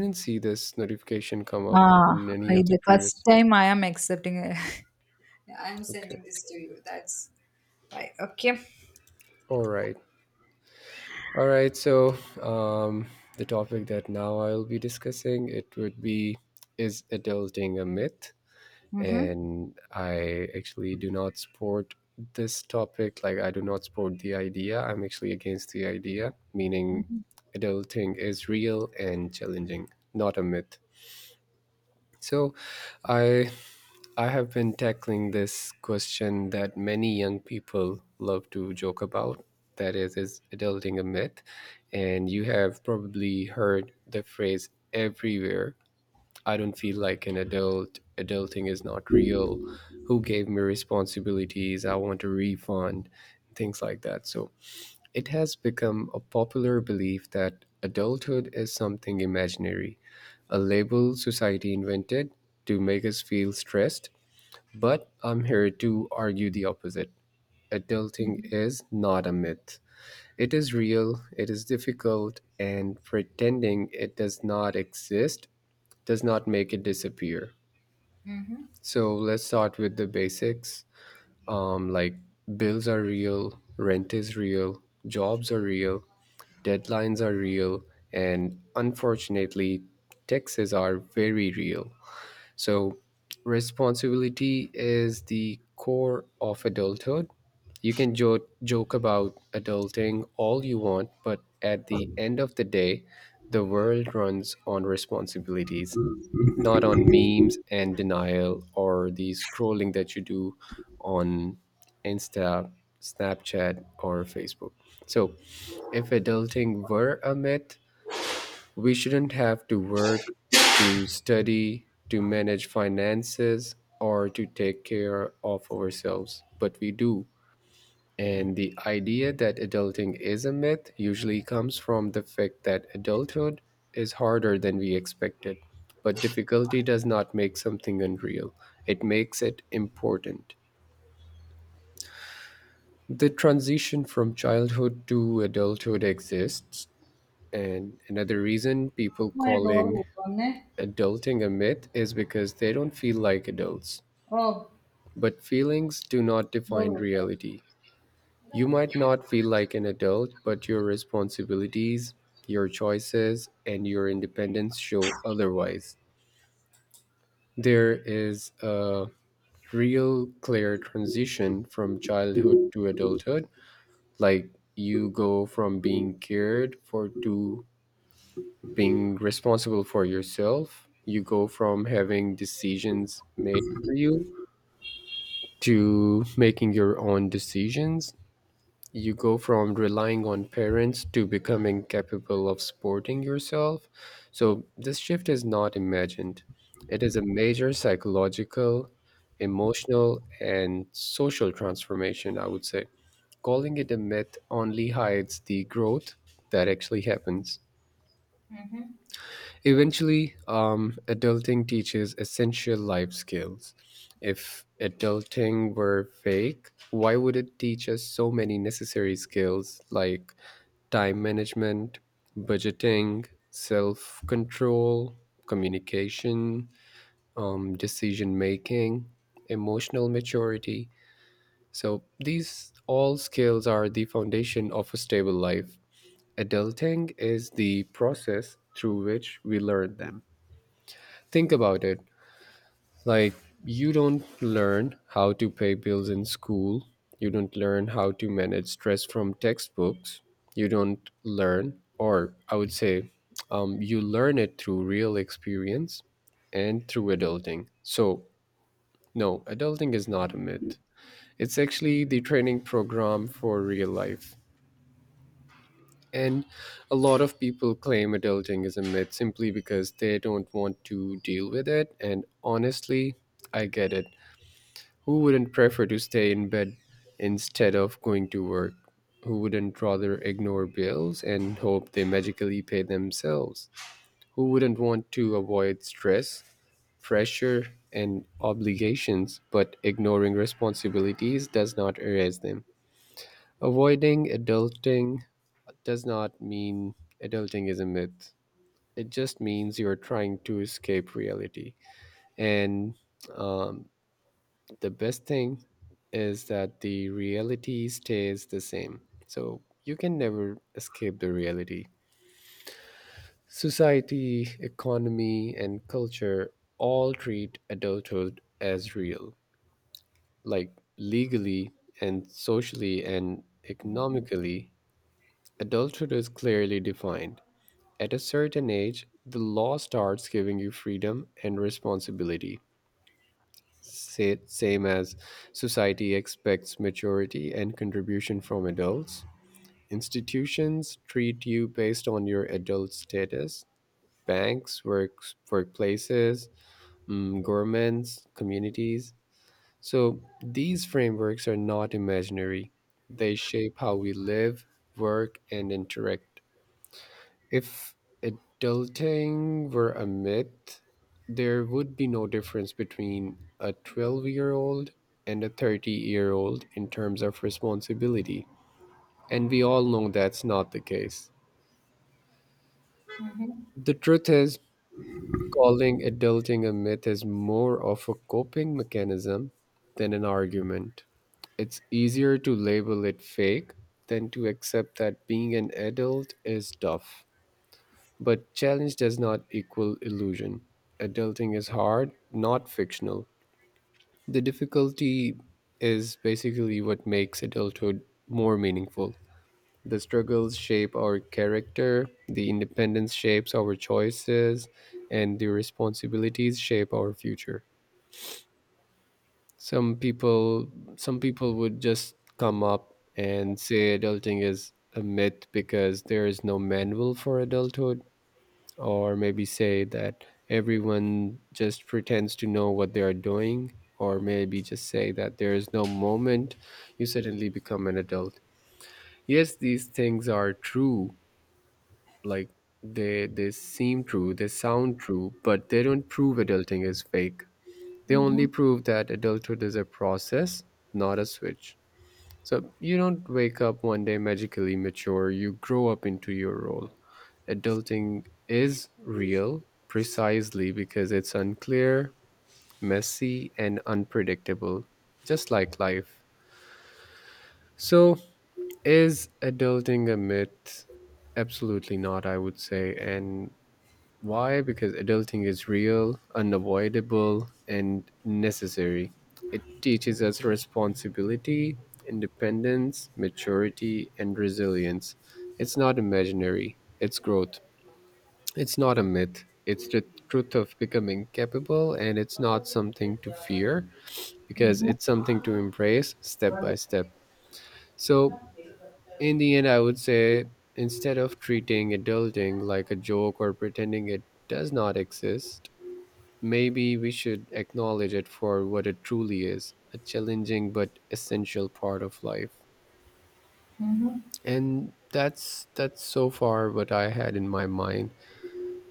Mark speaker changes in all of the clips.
Speaker 1: Didn't see this notification come up in
Speaker 2: Ah,
Speaker 1: any of the
Speaker 2: the first
Speaker 1: previous.
Speaker 2: time I am accepting. I'm
Speaker 1: Okay.
Speaker 2: sending this to you. That's right. Okay.
Speaker 1: All right. All right. So, um, the topic that now I'll be discussing it would be is adulting a myth?
Speaker 2: Mm-hmm.
Speaker 1: And I actually do not support this topic. Like I do not support the idea. I'm actually against the idea, meaning adulting is real and challenging, not a myth. So, I I have been tackling this question that many young people love to joke about. That is adulting a myth? And you have probably heard the phrase everywhere: I don't feel like an adult, adulting is not real, who gave me responsibilities, I want a refund, things like that. So it has become a popular belief that adulthood is something imaginary, a label society invented to make us feel stressed, but I'm here to argue the opposite. Adulting
Speaker 2: Mm-hmm.
Speaker 1: is not a myth. It is real, it is difficult, and pretending it does not exist does not make it disappear.
Speaker 2: Mm-hmm.
Speaker 1: So let's start with the basics. Like bills are real, rent is real, jobs are real, deadlines are real, and unfortunately, taxes are very real. So, responsibility is the core of adulthood. You can joke about adulting all you want, but at the end of the day, the world runs on responsibilities, not on memes and denial or the scrolling that you do on Insta, Snapchat, or Facebook. So, if adulting were a myth, we shouldn't have to work, to study, to manage finances, or to take care of ourselves, but we do. And the idea that adulting is a myth usually comes from the fact that adulthood is harder than we expected. But difficulty does not make something unreal, it makes it important. The transition from childhood to adulthood exists, and another reason people
Speaker 2: My door
Speaker 1: calling
Speaker 2: open, eh?
Speaker 1: adulting a myth is because they don't feel like adults.
Speaker 2: Oh,
Speaker 1: But feelings do not
Speaker 2: door
Speaker 1: define
Speaker 2: open.
Speaker 1: reality. You might not feel like an adult, but your responsibilities, your choices, and your independence show otherwise. There is a real clear transition from childhood to adulthood. Like you go from being cared for to being responsible for yourself. You go from having decisions made for you to making your own decisions. You go from relying on parents to becoming capable of supporting yourself. So, this shift is not imagined, it is a major psychological, emotional, and social transformation, I would say. Calling it a myth only hides the growth that actually happens.
Speaker 2: Mm-hmm.
Speaker 1: Eventually, adulting teaches essential life skills. If adulting were fake, why would it teach us so many necessary skills like time management, budgeting, self control, communication, decision making, emotional maturity? So, these all skills are the foundation of a stable life. Adulting is the process through which we learn them. Think about it. Like, you don't learn how to pay bills in school. You don't learn how to manage stress from textbooks. You don't learn, or I would say, you learn it through real experience and through adulting. So, no, adulting is not a myth. It's actually the training program for real life. And a lot of people claim adulting is a myth simply because they don't want to deal with it. And honestly, I get it. Who wouldn't prefer to stay in bed instead of going to work? Who wouldn't rather ignore bills and hope they magically pay themselves? Who wouldn't want to avoid stress, pressure, and obligations, but ignoring responsibilities does not erase them? Avoiding adulting does not mean adulting is a myth. It just means you're trying to escape reality. And um, the best thing is that the reality stays the same. So you can never escape the reality. Society, economy, and culture all treat adulthood as real. Like legally and socially and economically, adulthood is clearly defined. At a certain age, the law starts giving you freedom and responsibility. Same as society expects maturity and contribution from adults. Institutions treat you based on your adult status. Banks, works, workplaces, governments, communities. So these frameworks are not imaginary. They shape how we live, work, and interact if adulting were a myth, there would be no difference between a 12-year-old and a 30-year-old in terms of responsibility. And we all know that's not the case.
Speaker 2: Mm-hmm.
Speaker 1: The truth is, calling adulting a myth is more of a coping mechanism than an argument. It's easier to label it fake than to accept that being an adult is tough. But challenge does not equal illusion. Adulting is hard, not fictional. The difficulty is basically what makes adulthood more meaningful. The struggles shape our character, the independence shapes our choices, and the responsibilities shape our future. Some people some people would just come up and say adulting is a myth because there is no manual for adulthood, or maybe say that everyone just pretends to know what they are doing, or maybe just say that there is no moment you suddenly become an adult. Yes, these things are true. Like they seem true, they sound true, but they don't prove adulting is fake. They only prove that adulthood is a process, not a switch. So you don't wake up one day magically mature, you grow up into your role. Adulting is real precisely because it's unclear, messy, and unpredictable, just like life. So, is adulting a myth? Absolutely not, I would say. And why? Because adulting is real, unavoidable, and necessary. It teaches us responsibility, independence, maturity, and resilience. It's not imaginary, it's growth. It's not a myth. It's the truth of becoming capable, and it's not something to fear because it's something to embrace step by
Speaker 2: Mm-hmm.
Speaker 1: step. So, in the end, I would say, instead of treating adulting like a joke or pretending it does not exist, maybe we should acknowledge it for what it truly is: a challenging but essential part of life.
Speaker 2: Mm-hmm.
Speaker 1: And that's so far what I had in my mind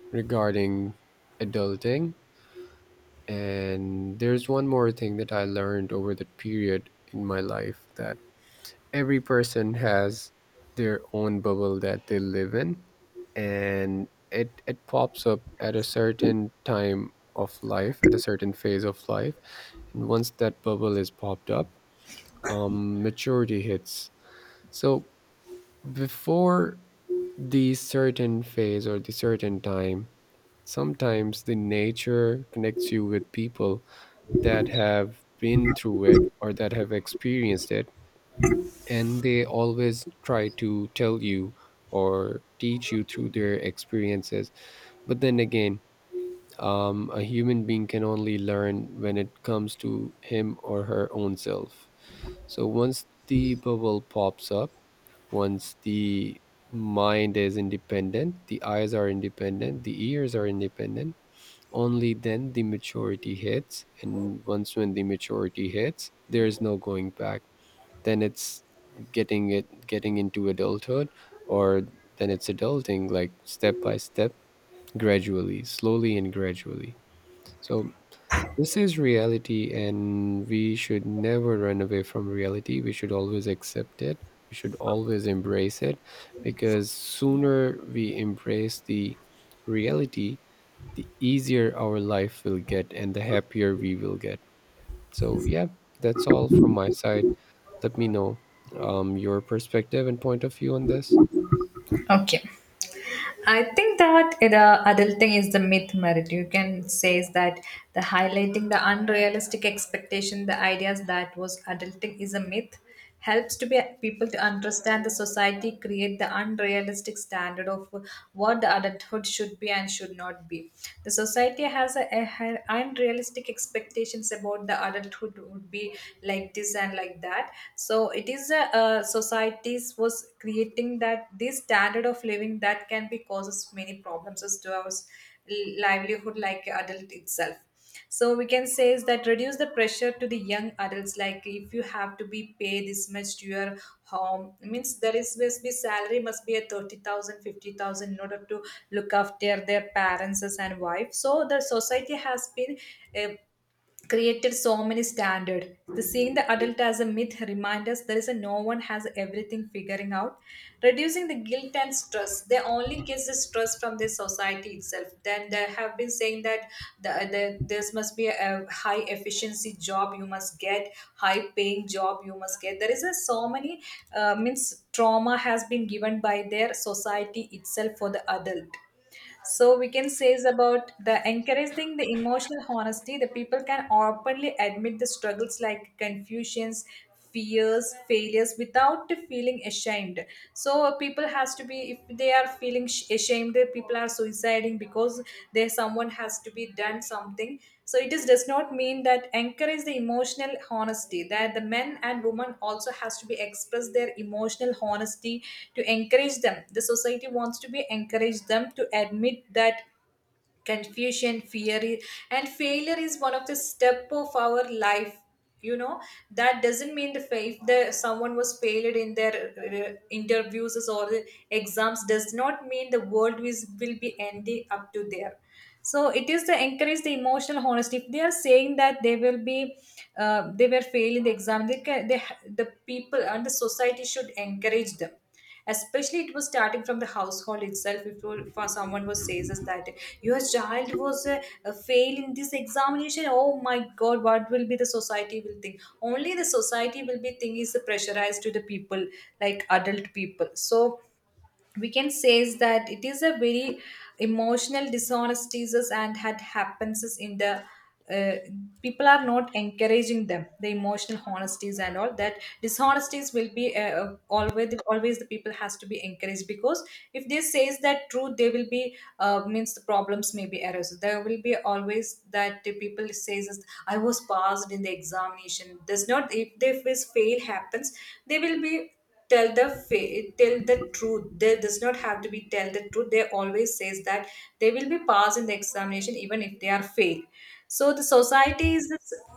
Speaker 1: regarding adulting. And there's one more thing that I learned over that period in my life, that every person has their own bubble that they live in, and it pops up at a certain time of life, at a certain phase of life. And once that bubble is popped up, maturity hits. So before the certain phase or the certain time, sometimes the nature connects you with people that have been through it or that have experienced it, and they always try to tell you or teach you through their experiences. But then again, a human being can only learn when it comes to him or her own self. So once the bubble pops up, once the mind is independent, the eyes are independent, the ears are independent, only then the maturity hits, and once when the maturity hits, there is no going back. Then it's getting into adulthood, or then it's adulting, like step by step, gradually, slowly and gradually. So this is reality, and we should never run away from reality. We should always accept it. We should always embrace it, because sooner we embrace the reality, the easier our life will get and the happier we will get. So, yeah, that's all from my side. Let me know your perspective and point of view on this.
Speaker 2: Okay. I think that the adulting is the myth, Merit. You can say is that the highlighting the unrealistic expectation, the ideas that was adulting is a myth, helps to be people to understand the society create the unrealistic standard of what the adulthood should be and should not be. The society has a unrealistic expectations about the adulthood would be like this and like that. So it is a societies was creating that this standard of living that can be causes many problems as to our livelihood like adult itself, so we can say is that reduce the pressure to the young adults, like if you have to be pay this much to your home means there is must be salary must be at 30000 50000 in order to look after their parents and wife. So the society has been uh, created so many standard, the seeing the adult as a myth reminds us there is a no one has everything figuring out, reducing the guilt and stress. They only get the stress from the society itself, then they have been saying that the this must be a high efficiency job, you must get high paying job, you must get. There is a so many means trauma has been given by their society itself for the adult. So we can say is about the encouraging the emotional honesty. The people can openly admit the struggles like confusions, fears, failures without feeling ashamed. So people has to be, if they are feeling ashamed, people are suiciding because there someone has to be done something. So it is does not mean that encourage the emotional honesty, that the men and women also has to be express their emotional honesty to encourage them. The society wants to be encourage them to admit that confusion, fear, and failure is one of the step of our life. You know that doesn't mean the faith that someone was failed in their interviews or the exams does not mean the world is, will be ending up to there. So it is to encourage the emotional honesty. If they are saying that they will be they were failed in the exam, the people and the society should encourage them, especially it was starting from the household itself. If you- For someone who says us that your child was a fail in this examination, oh my god, what will be the society will think. Only the society will be think is pressurized to the people like adult people. So we can say is that it is a very emotional dishonesties is and had happens is in the uh, people are not encouraging them the emotional honesties, and all that dishonesties will be always the people has to be encouraged because if they says that truth they will be means the problems may be errors there will be always that the people says is, I was passed in the examination does not if this fail happens they will be tell the truth. There does not have to be tell the truth. They always says that they will be passed in the examination even if they are fail. So the society is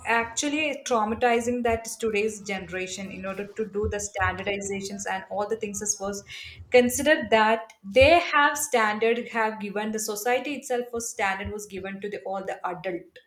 Speaker 2: actually traumatizing that today's generation in order to do the standardizations and all the things as was consider that they have standard have given the society itself was standard was given to the all the adult.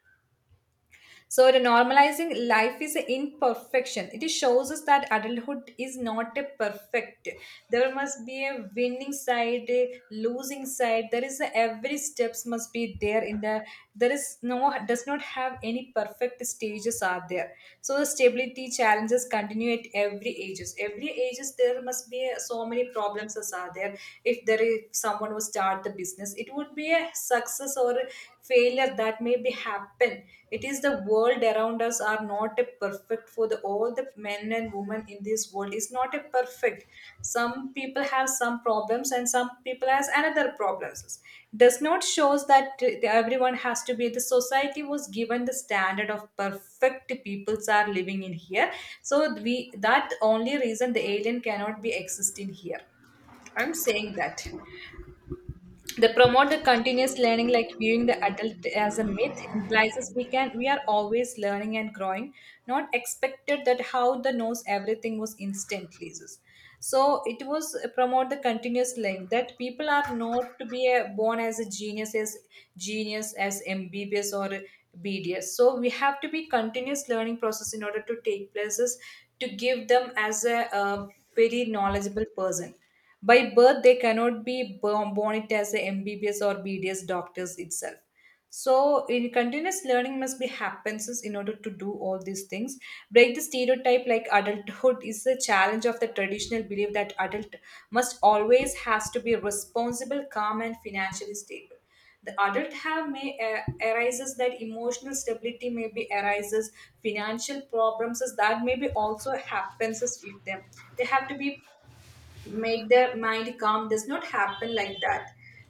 Speaker 2: So, the normalizing life is an imperfection. It shows us that adulthood is not a perfect. There must be a winning side, a losing side. There is a, every steps must be there in the. There is no does not have any perfect stages are there. So the stability challenges continue at every ages. Every ages there must be so many problems as are there. If there is someone who start the business, it would be a success or failure that may be happen. It is the world around us are not a perfect for the all the men and women in this world is not a perfect. Some people have some problems and some people has another problems. Does not shows that everyone has to be the society was given the standard of perfect peoples are living in here. So we, that only reason the alien cannot be exist in here. I'm saying that they promote the continuous learning, like viewing the adult as a myth, implies us we can we are always learning and growing, not expected that how the knows everything was instantly. So it was promote the continuous learning that people are not to be a, born as a genius as MBBS or BDS. So we have to be continuous learning process in order to take places to give them as a very knowledgeable person by birth. They cannot be born it as a MBBS or BDS doctors itself. So, in continuous learning must be happens is in order to do all these things. Break the stereotype, like adulthood is the challenge of the traditional belief that adult must always has to be responsible, calm, and financially stable. The adult have may arises that emotional stability may be arises, financial problems is that maybe also happens is with them. They have to be make their mind calm does not happen like that.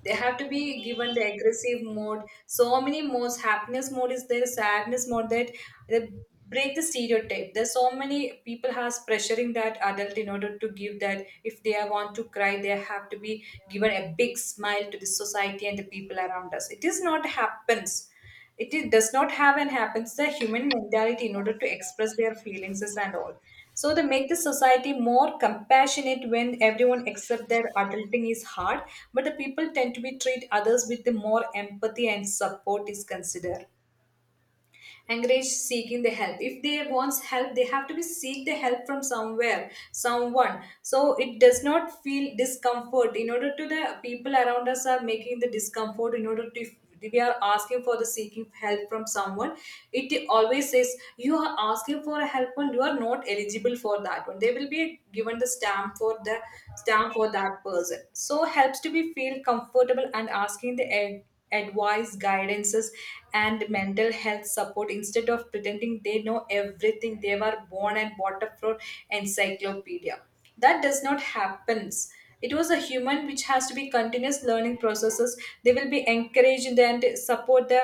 Speaker 2: They have to be given the aggressive mode, so many modes, happiness mode is there, sadness mode, that they break the stereotype. There's so many people has pressuring that adult in order to give that if they are want to cry they have to be given a big smile to the society and the people around us. It is not happens, it is, does not have and happens the human mentality in order to express their feelings and all. So they make the society more compassionate. When everyone accept their adulting is hard but the people tend to be treat others with the more empathy and support is considered, encourage seeking the help. If they wants help they have to be seek the help from somewhere someone, so it does not feel discomfort in order to the people around us are making the discomfort in order to if we are asking for the seeking help from someone. It always says you are asking for a help and you are not eligible for that one, they will be given the stamp for that person. So helps to be feel comfortable and asking the advice guidances and mental health support instead of pretending they know everything they were born and brought up for encyclopedia. That does not happens. It was a human which has to be continuous learning processes. They will be encouraged and support the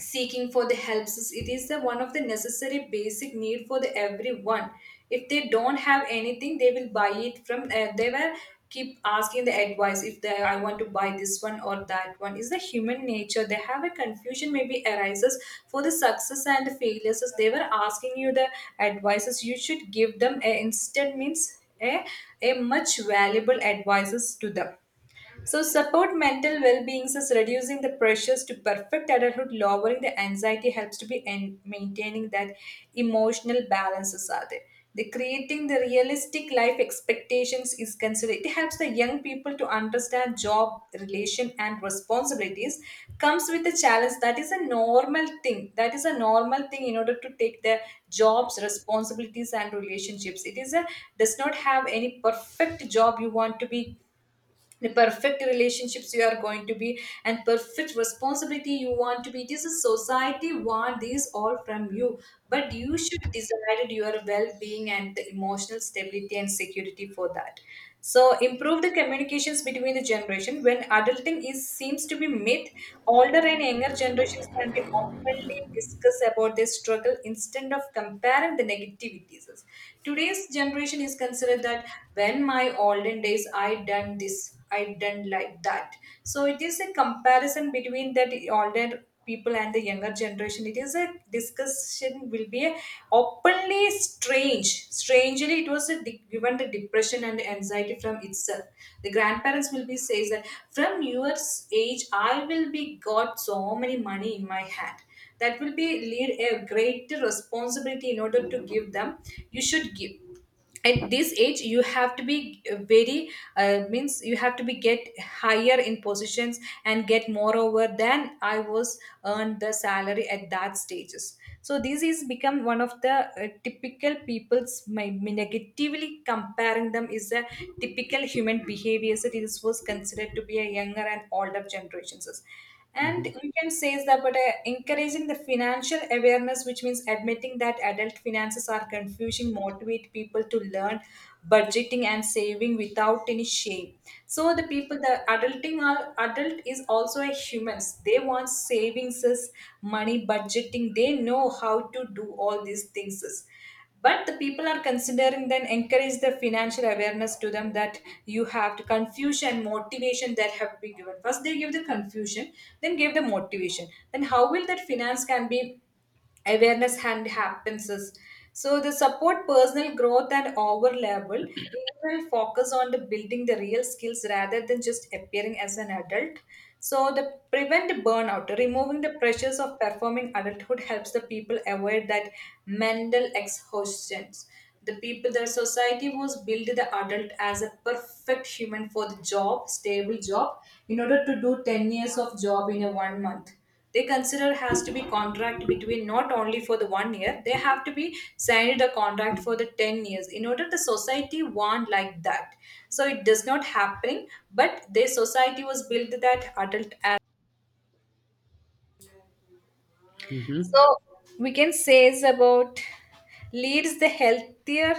Speaker 2: seeking for the it is the one of the necessary basic need for the everyone. If they don't have anything they will buy it from they will keep asking the advice if they I want to buy this one or that one is the human nature. They have a confusion maybe arises for the success and the failures as they were asking you the advices, you should give them a instant means a much valuable advices to them. So, support mental well being, thus reducing the pressures to perfect adulthood, lowering the anxiety helps to be and maintaining that emotional balances are there. The creating the realistic life expectations is considered. It helps the young people to understand job, relation, and responsibilities. Comes with the challenge that is a normal thing. That is a normal thing in order to take the jobs, responsibilities, and relationships. It is a does not have any perfect job you want to be, the perfect relationships you are going to be, and perfect responsibility you want to be, this is a society want these all from you, but you should decide your well-being and the emotional stability and security for that. So improve the communications between the generation when adulting is seems to be myth, older and younger generations can be openly discuss about their struggle instead of comparing the negativities. Today's generation is considered that when my olden days I done this, I didn't like that. So it is a comparison between that older people and the younger generation. It is a discussion will be a openly strange. Strangely, it was a given the depression and anxiety from itself. The grandparents will be says that from your age, I will be got so many money in my hand. That will be lead a great responsibility in order to give them. You should give at this age you have to be very means you have to be get higher in positions and get more over than I was earned the salary at that stages. So this is become one of the typical people's my negatively comparing them is a typical human behavior. So this was considered to be a younger and older generations,
Speaker 1: Hmm.
Speaker 2: and we can say is that, but encouraging the financial awareness, which means admitting that adult finances are confusing, motivate people to learn budgeting and saving without any shame. So the people, the adulting are adult is also a humans. They want savings, is money budgeting. They know how to do all these things, but the people are considering then encourage the financial awareness to them that you have to confusion motivation that have to be given. First they give the confusion, then give the motivation, then how will that finance can be awareness and happens is, so the support personal growth and overlevel will focus on the building the real skills rather than just appearing as an adult. So the prevent burnout removing the pressures of performing adulthood helps the people avoid that mental exhaustions. The people their society was built the adult as a perfect human for the job stable job in order to do 10 years of job in a 1 month. They consider has to be contract between not only for the 1 year, they have to be signed a contract for the 10 years in order the society want like that. So it does not happening, but the society was built that adult as, so we can say is about leads the healthier,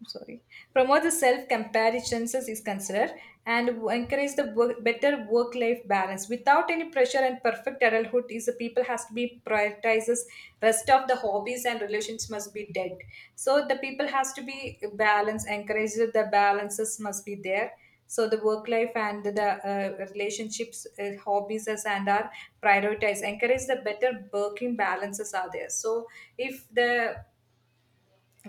Speaker 2: I'm sorry, promote the self comparisons is considered, and encourage the work, better work life balance without any pressure and perfect adulthood is the people has to be prioritizes rest of the hobbies and relations must be dead. So the people has to be balanced, encouraged the balances must be there. So the work life and the relationships, hobbies as and are prioritized, encourage the better working balances are there. So if the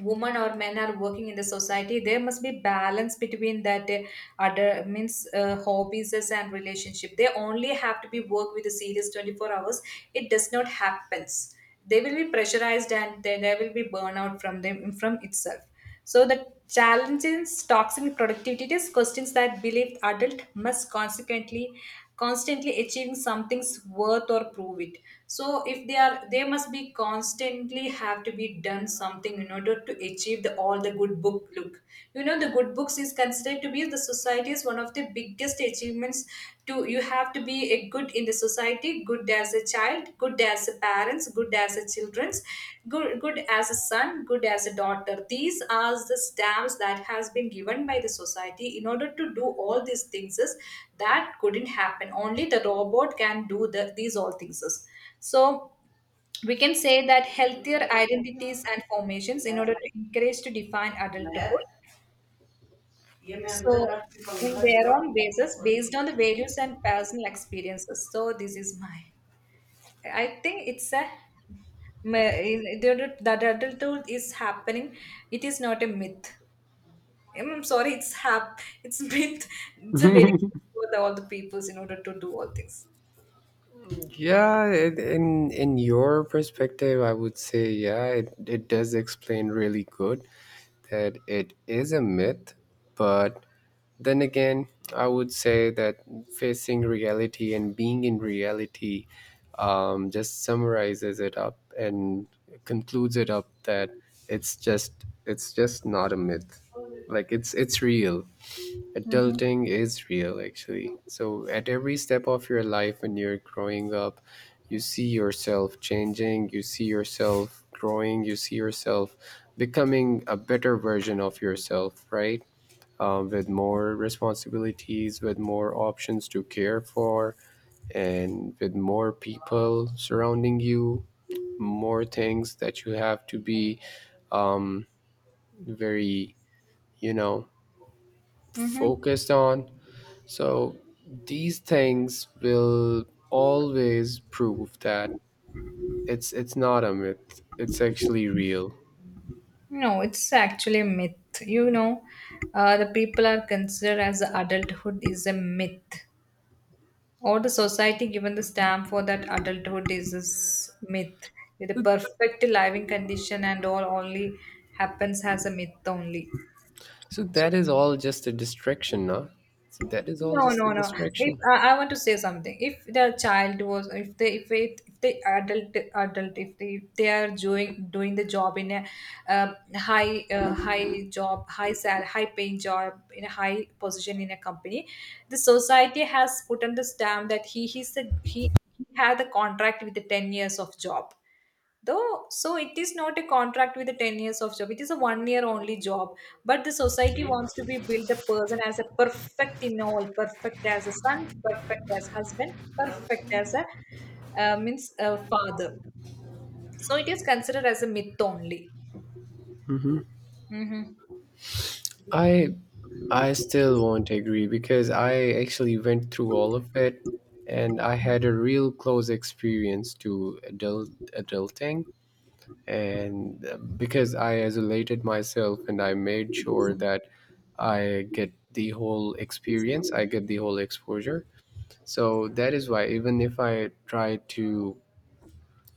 Speaker 2: women or men are working in the society, there must be balance between that other means hobbies and relationship, they only have to be work with the serious 24 hours. It does not happens, they will be pressurized and then there will be burnout from them from itself. So the challenge in toxic productivity is questions that believe adult must consequently constantly achieving something's worth or prove it. So if they are they must be constantly have to be done something in order to achieve the all the good book look. You know the good books is considered to be the society's one of the biggest achievements. To you have to be a good in the society, good as a child, good as a parents, good as a children's, good as a son, good as a daughter. These are the stamps that has been given by the society in order to do all these things is that couldn't happen. Only the robot can do these all things is. So we can say that healthier identities and formations in order to encourage to define adulthood, so, in their own basis, based on the values and personal experiences. So, this is my. I think it's a the adulthood is happening. It is not a myth. I'm sorry, it's hap. It's myth. It's a very for all the peoples in order to do all this.
Speaker 1: yeah, it, in your perspective, I would say yeah, it does explain really good that it is a myth, but then again, I would say that facing reality and being in reality just summarizes it up and concludes it up that it's just it's just not a myth. Like it's real.
Speaker 2: Mm-hmm.
Speaker 1: Adulting is real actually. So at every step of your life when you're growing up, you see yourself changing, you see yourself growing, you see yourself becoming a better version of yourself, right? With more responsibilities, with more options to care for, and with more people surrounding you, more things that you have to be um, very, you know,
Speaker 2: Mm-hmm.
Speaker 1: focused on. So these things will always prove that it's not a myth. It's actually real.
Speaker 2: No, it's actually a myth. You know, the people are considered as adulthood is a myth, or the society given the stamp for that adulthood is this myth. The perfect living condition and all only happens as a myth only.
Speaker 1: So that is all just a distraction, huh? So that is all
Speaker 2: No,
Speaker 1: just a
Speaker 2: no, no. If
Speaker 1: distraction.
Speaker 2: I want to say something, if the child was, if they, if it, if the adult, if they are doing the job in a high, high job, high sal, high paying job in a high position in a company, the society has put on the stamp that he, he's the, he had the contract with the 10 years of job though. So it is not a contract with the 10 years of job, it is a 1 year only job, but the society wants to be build the person as a perfect in all, perfect as a son, perfect as husband, perfect as a means a father. So it is considered as a myth only. Mm-hmm.
Speaker 1: I I still won't agree because I actually went through all of it and I had a real close experience to adulting, and because I isolated myself and I made sure that I get the whole experience, I get the whole exposure. So that is why even if I try to,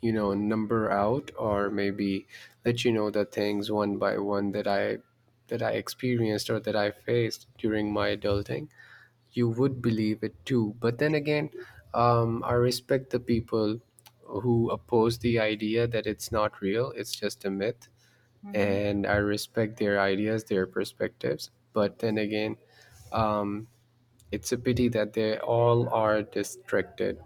Speaker 1: you know, number out or maybe let you know the things one by one that I experienced or that I faced during my adulting, you would believe it too. But then again, I respect the people who oppose the idea that it's not real, it's just a myth, and I respect their ideas, their perspectives. But then again, um, it's a pity that they all are distracted,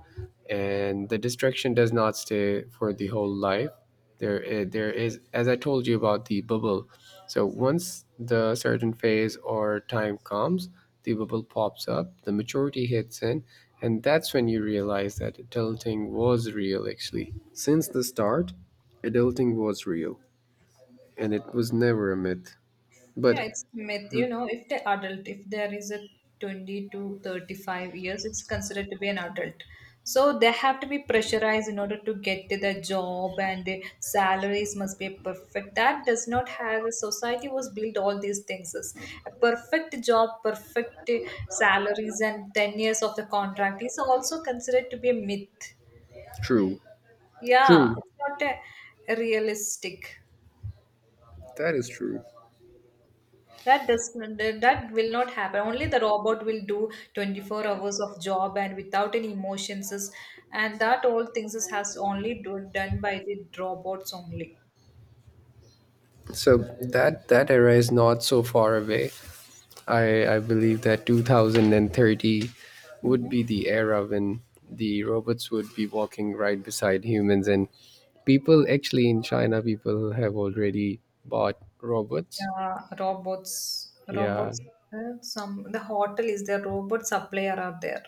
Speaker 1: and the distraction does not stay for the whole life. There there is, as I told you about the bubble, so once the certain phase or time comes, the bubble pops up, the maturity hits in, and that's when you realize that adulting was real actually. Since the start, adulting was real, and it was never a myth. But
Speaker 2: Yeah, it's myth. You
Speaker 1: mhm,
Speaker 2: know, if the adult, if there is a 20 to 35 years, it's considered to be an adult. So they have to be pressurized in order to get to the job and the salaries must be perfect. That does not have a society was built all these things. Is a perfect job, perfect salaries and 10 years of the contract is also considered to be a myth.
Speaker 1: true,
Speaker 2: Yeah,
Speaker 1: true,
Speaker 2: it's not a realistic.
Speaker 1: that is true.
Speaker 2: That does that will not happen. Only the robot will do 24 hours of job and without any emotions is, and that all things is has only do, done by the robots only.
Speaker 1: So that that era is not so far away. I believe that 2030 would
Speaker 2: Hmm.
Speaker 1: be the era when the robots would be walking right beside humans, and people, actually in China people have already bought robots.
Speaker 2: Yeah, robots,
Speaker 1: Yeah,
Speaker 2: robots. Some the hotel is there. Robot supplier are there.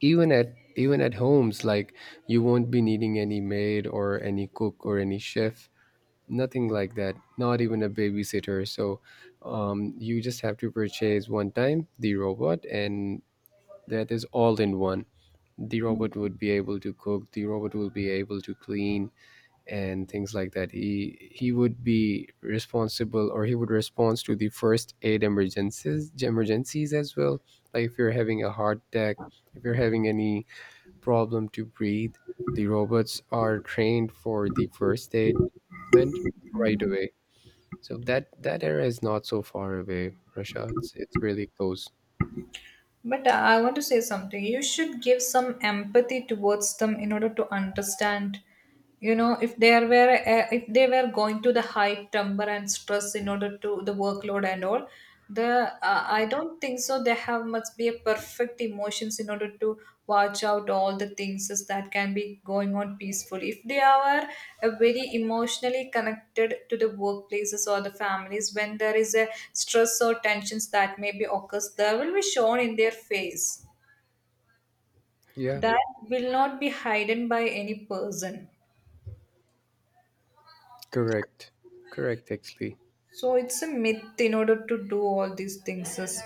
Speaker 1: even at homes like you won't be needing any maid or any cook or any chef. Nothing like that. Not even a babysitter. So you just have to purchase one time the robot and that is all in one. The robot would be able to cook, the robot will be able to clean and things like that. He would be responsible, or he would respond to the first aid emergencies as well. Like if you're having a heart attack, if you're having any problem to breathe, the robots are trained for the first aid treatment right away. So that that era is not so far away, Rasha. It's really close.
Speaker 2: But I want to say something. You should give some empathy towards them in order to understand, you know, if they are were if they were going to the high temper and stress in order to the workload and all. The I don't think so. They have must be a perfect emotions in order to watch out all the things is that can be going on peacefully. If they are very emotionally connected to the workplaces or the families, when there is a stress or tensions that may be occurs, there will be shown in their face
Speaker 1: Yeah,
Speaker 2: that will not be hidden by any person.
Speaker 1: correct. Correct, actually.
Speaker 2: So it's a myth in order to do all these things is,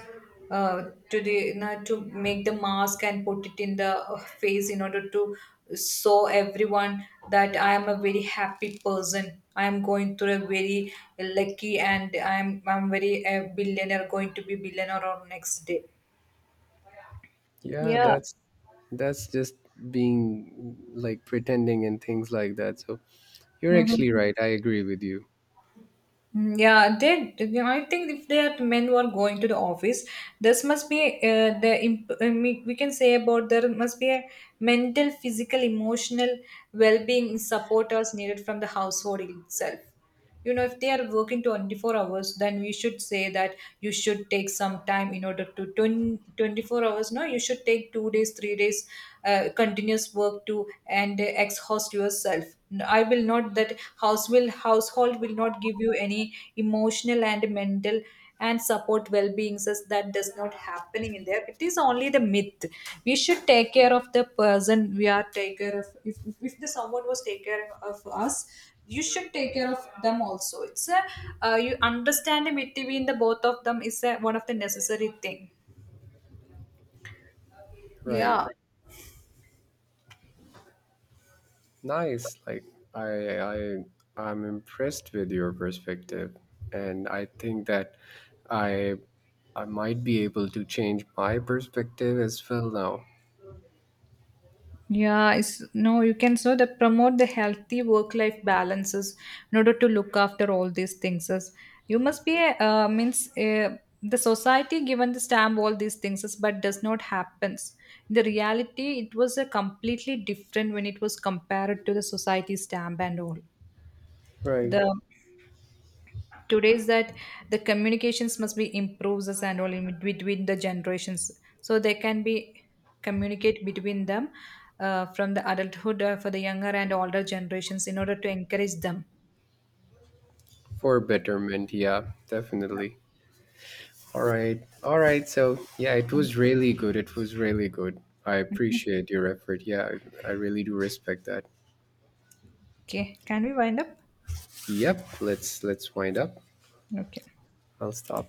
Speaker 2: today now to make the mask and put it in the face in order to show everyone that I am a very happy person. I am going through a very lucky and I'm very a billionaire, going to be billionaire on next day.
Speaker 1: Yeah,
Speaker 2: Yeah.
Speaker 1: that's just being like pretending and things like that. So you're actually
Speaker 2: Mhm.
Speaker 1: right. I agree with you.
Speaker 2: Mm, yeah, they. I think if they are men who are going to the office, this must be we can say about there must be a mental, physical, emotional well-being supporters needed from the household itself. You know, if they are working 24 hours, then we should say that you should take some time in order to 20, 24 hours. No, you should take 2 days, 3 days continuous work to and exhaust yourself. I will not that house will household will not give you any emotional and mental and support well-being says that does not happening in there, it is only the myth. We should take care of the person we are take care of. If the someone was take care of us, you should take care of them also. It's a you understand the between the both of them is a, one of the necessary thing.
Speaker 1: Right.
Speaker 2: Yeah,
Speaker 1: Nice. Like I I I'm impressed with your perspective, and I think that I I might be able to change my perspective as well now.
Speaker 2: yeah, it's, no, you can so that promote the healthy work-life balances in order to look after all these things. As you must be a, means the society given the stamp all these things, is, but does not happens. The reality it was a completely different when it was compared to the society stamp and all.
Speaker 1: Right.
Speaker 2: The today is that the communications must be improved as and all in between the generations, so they can be communicate between them from the adulthood for the younger and older generations in order to encourage them.
Speaker 1: For betterment, yeah, definitely. All right. All right. So, yeah, it was really good. It was really good. I
Speaker 2: Mhm.
Speaker 1: appreciate your effort. Yeah, I really do respect that.
Speaker 2: Okay, can we wind up.
Speaker 1: Yep, let's wind up.
Speaker 2: Okay.
Speaker 1: I'll stop.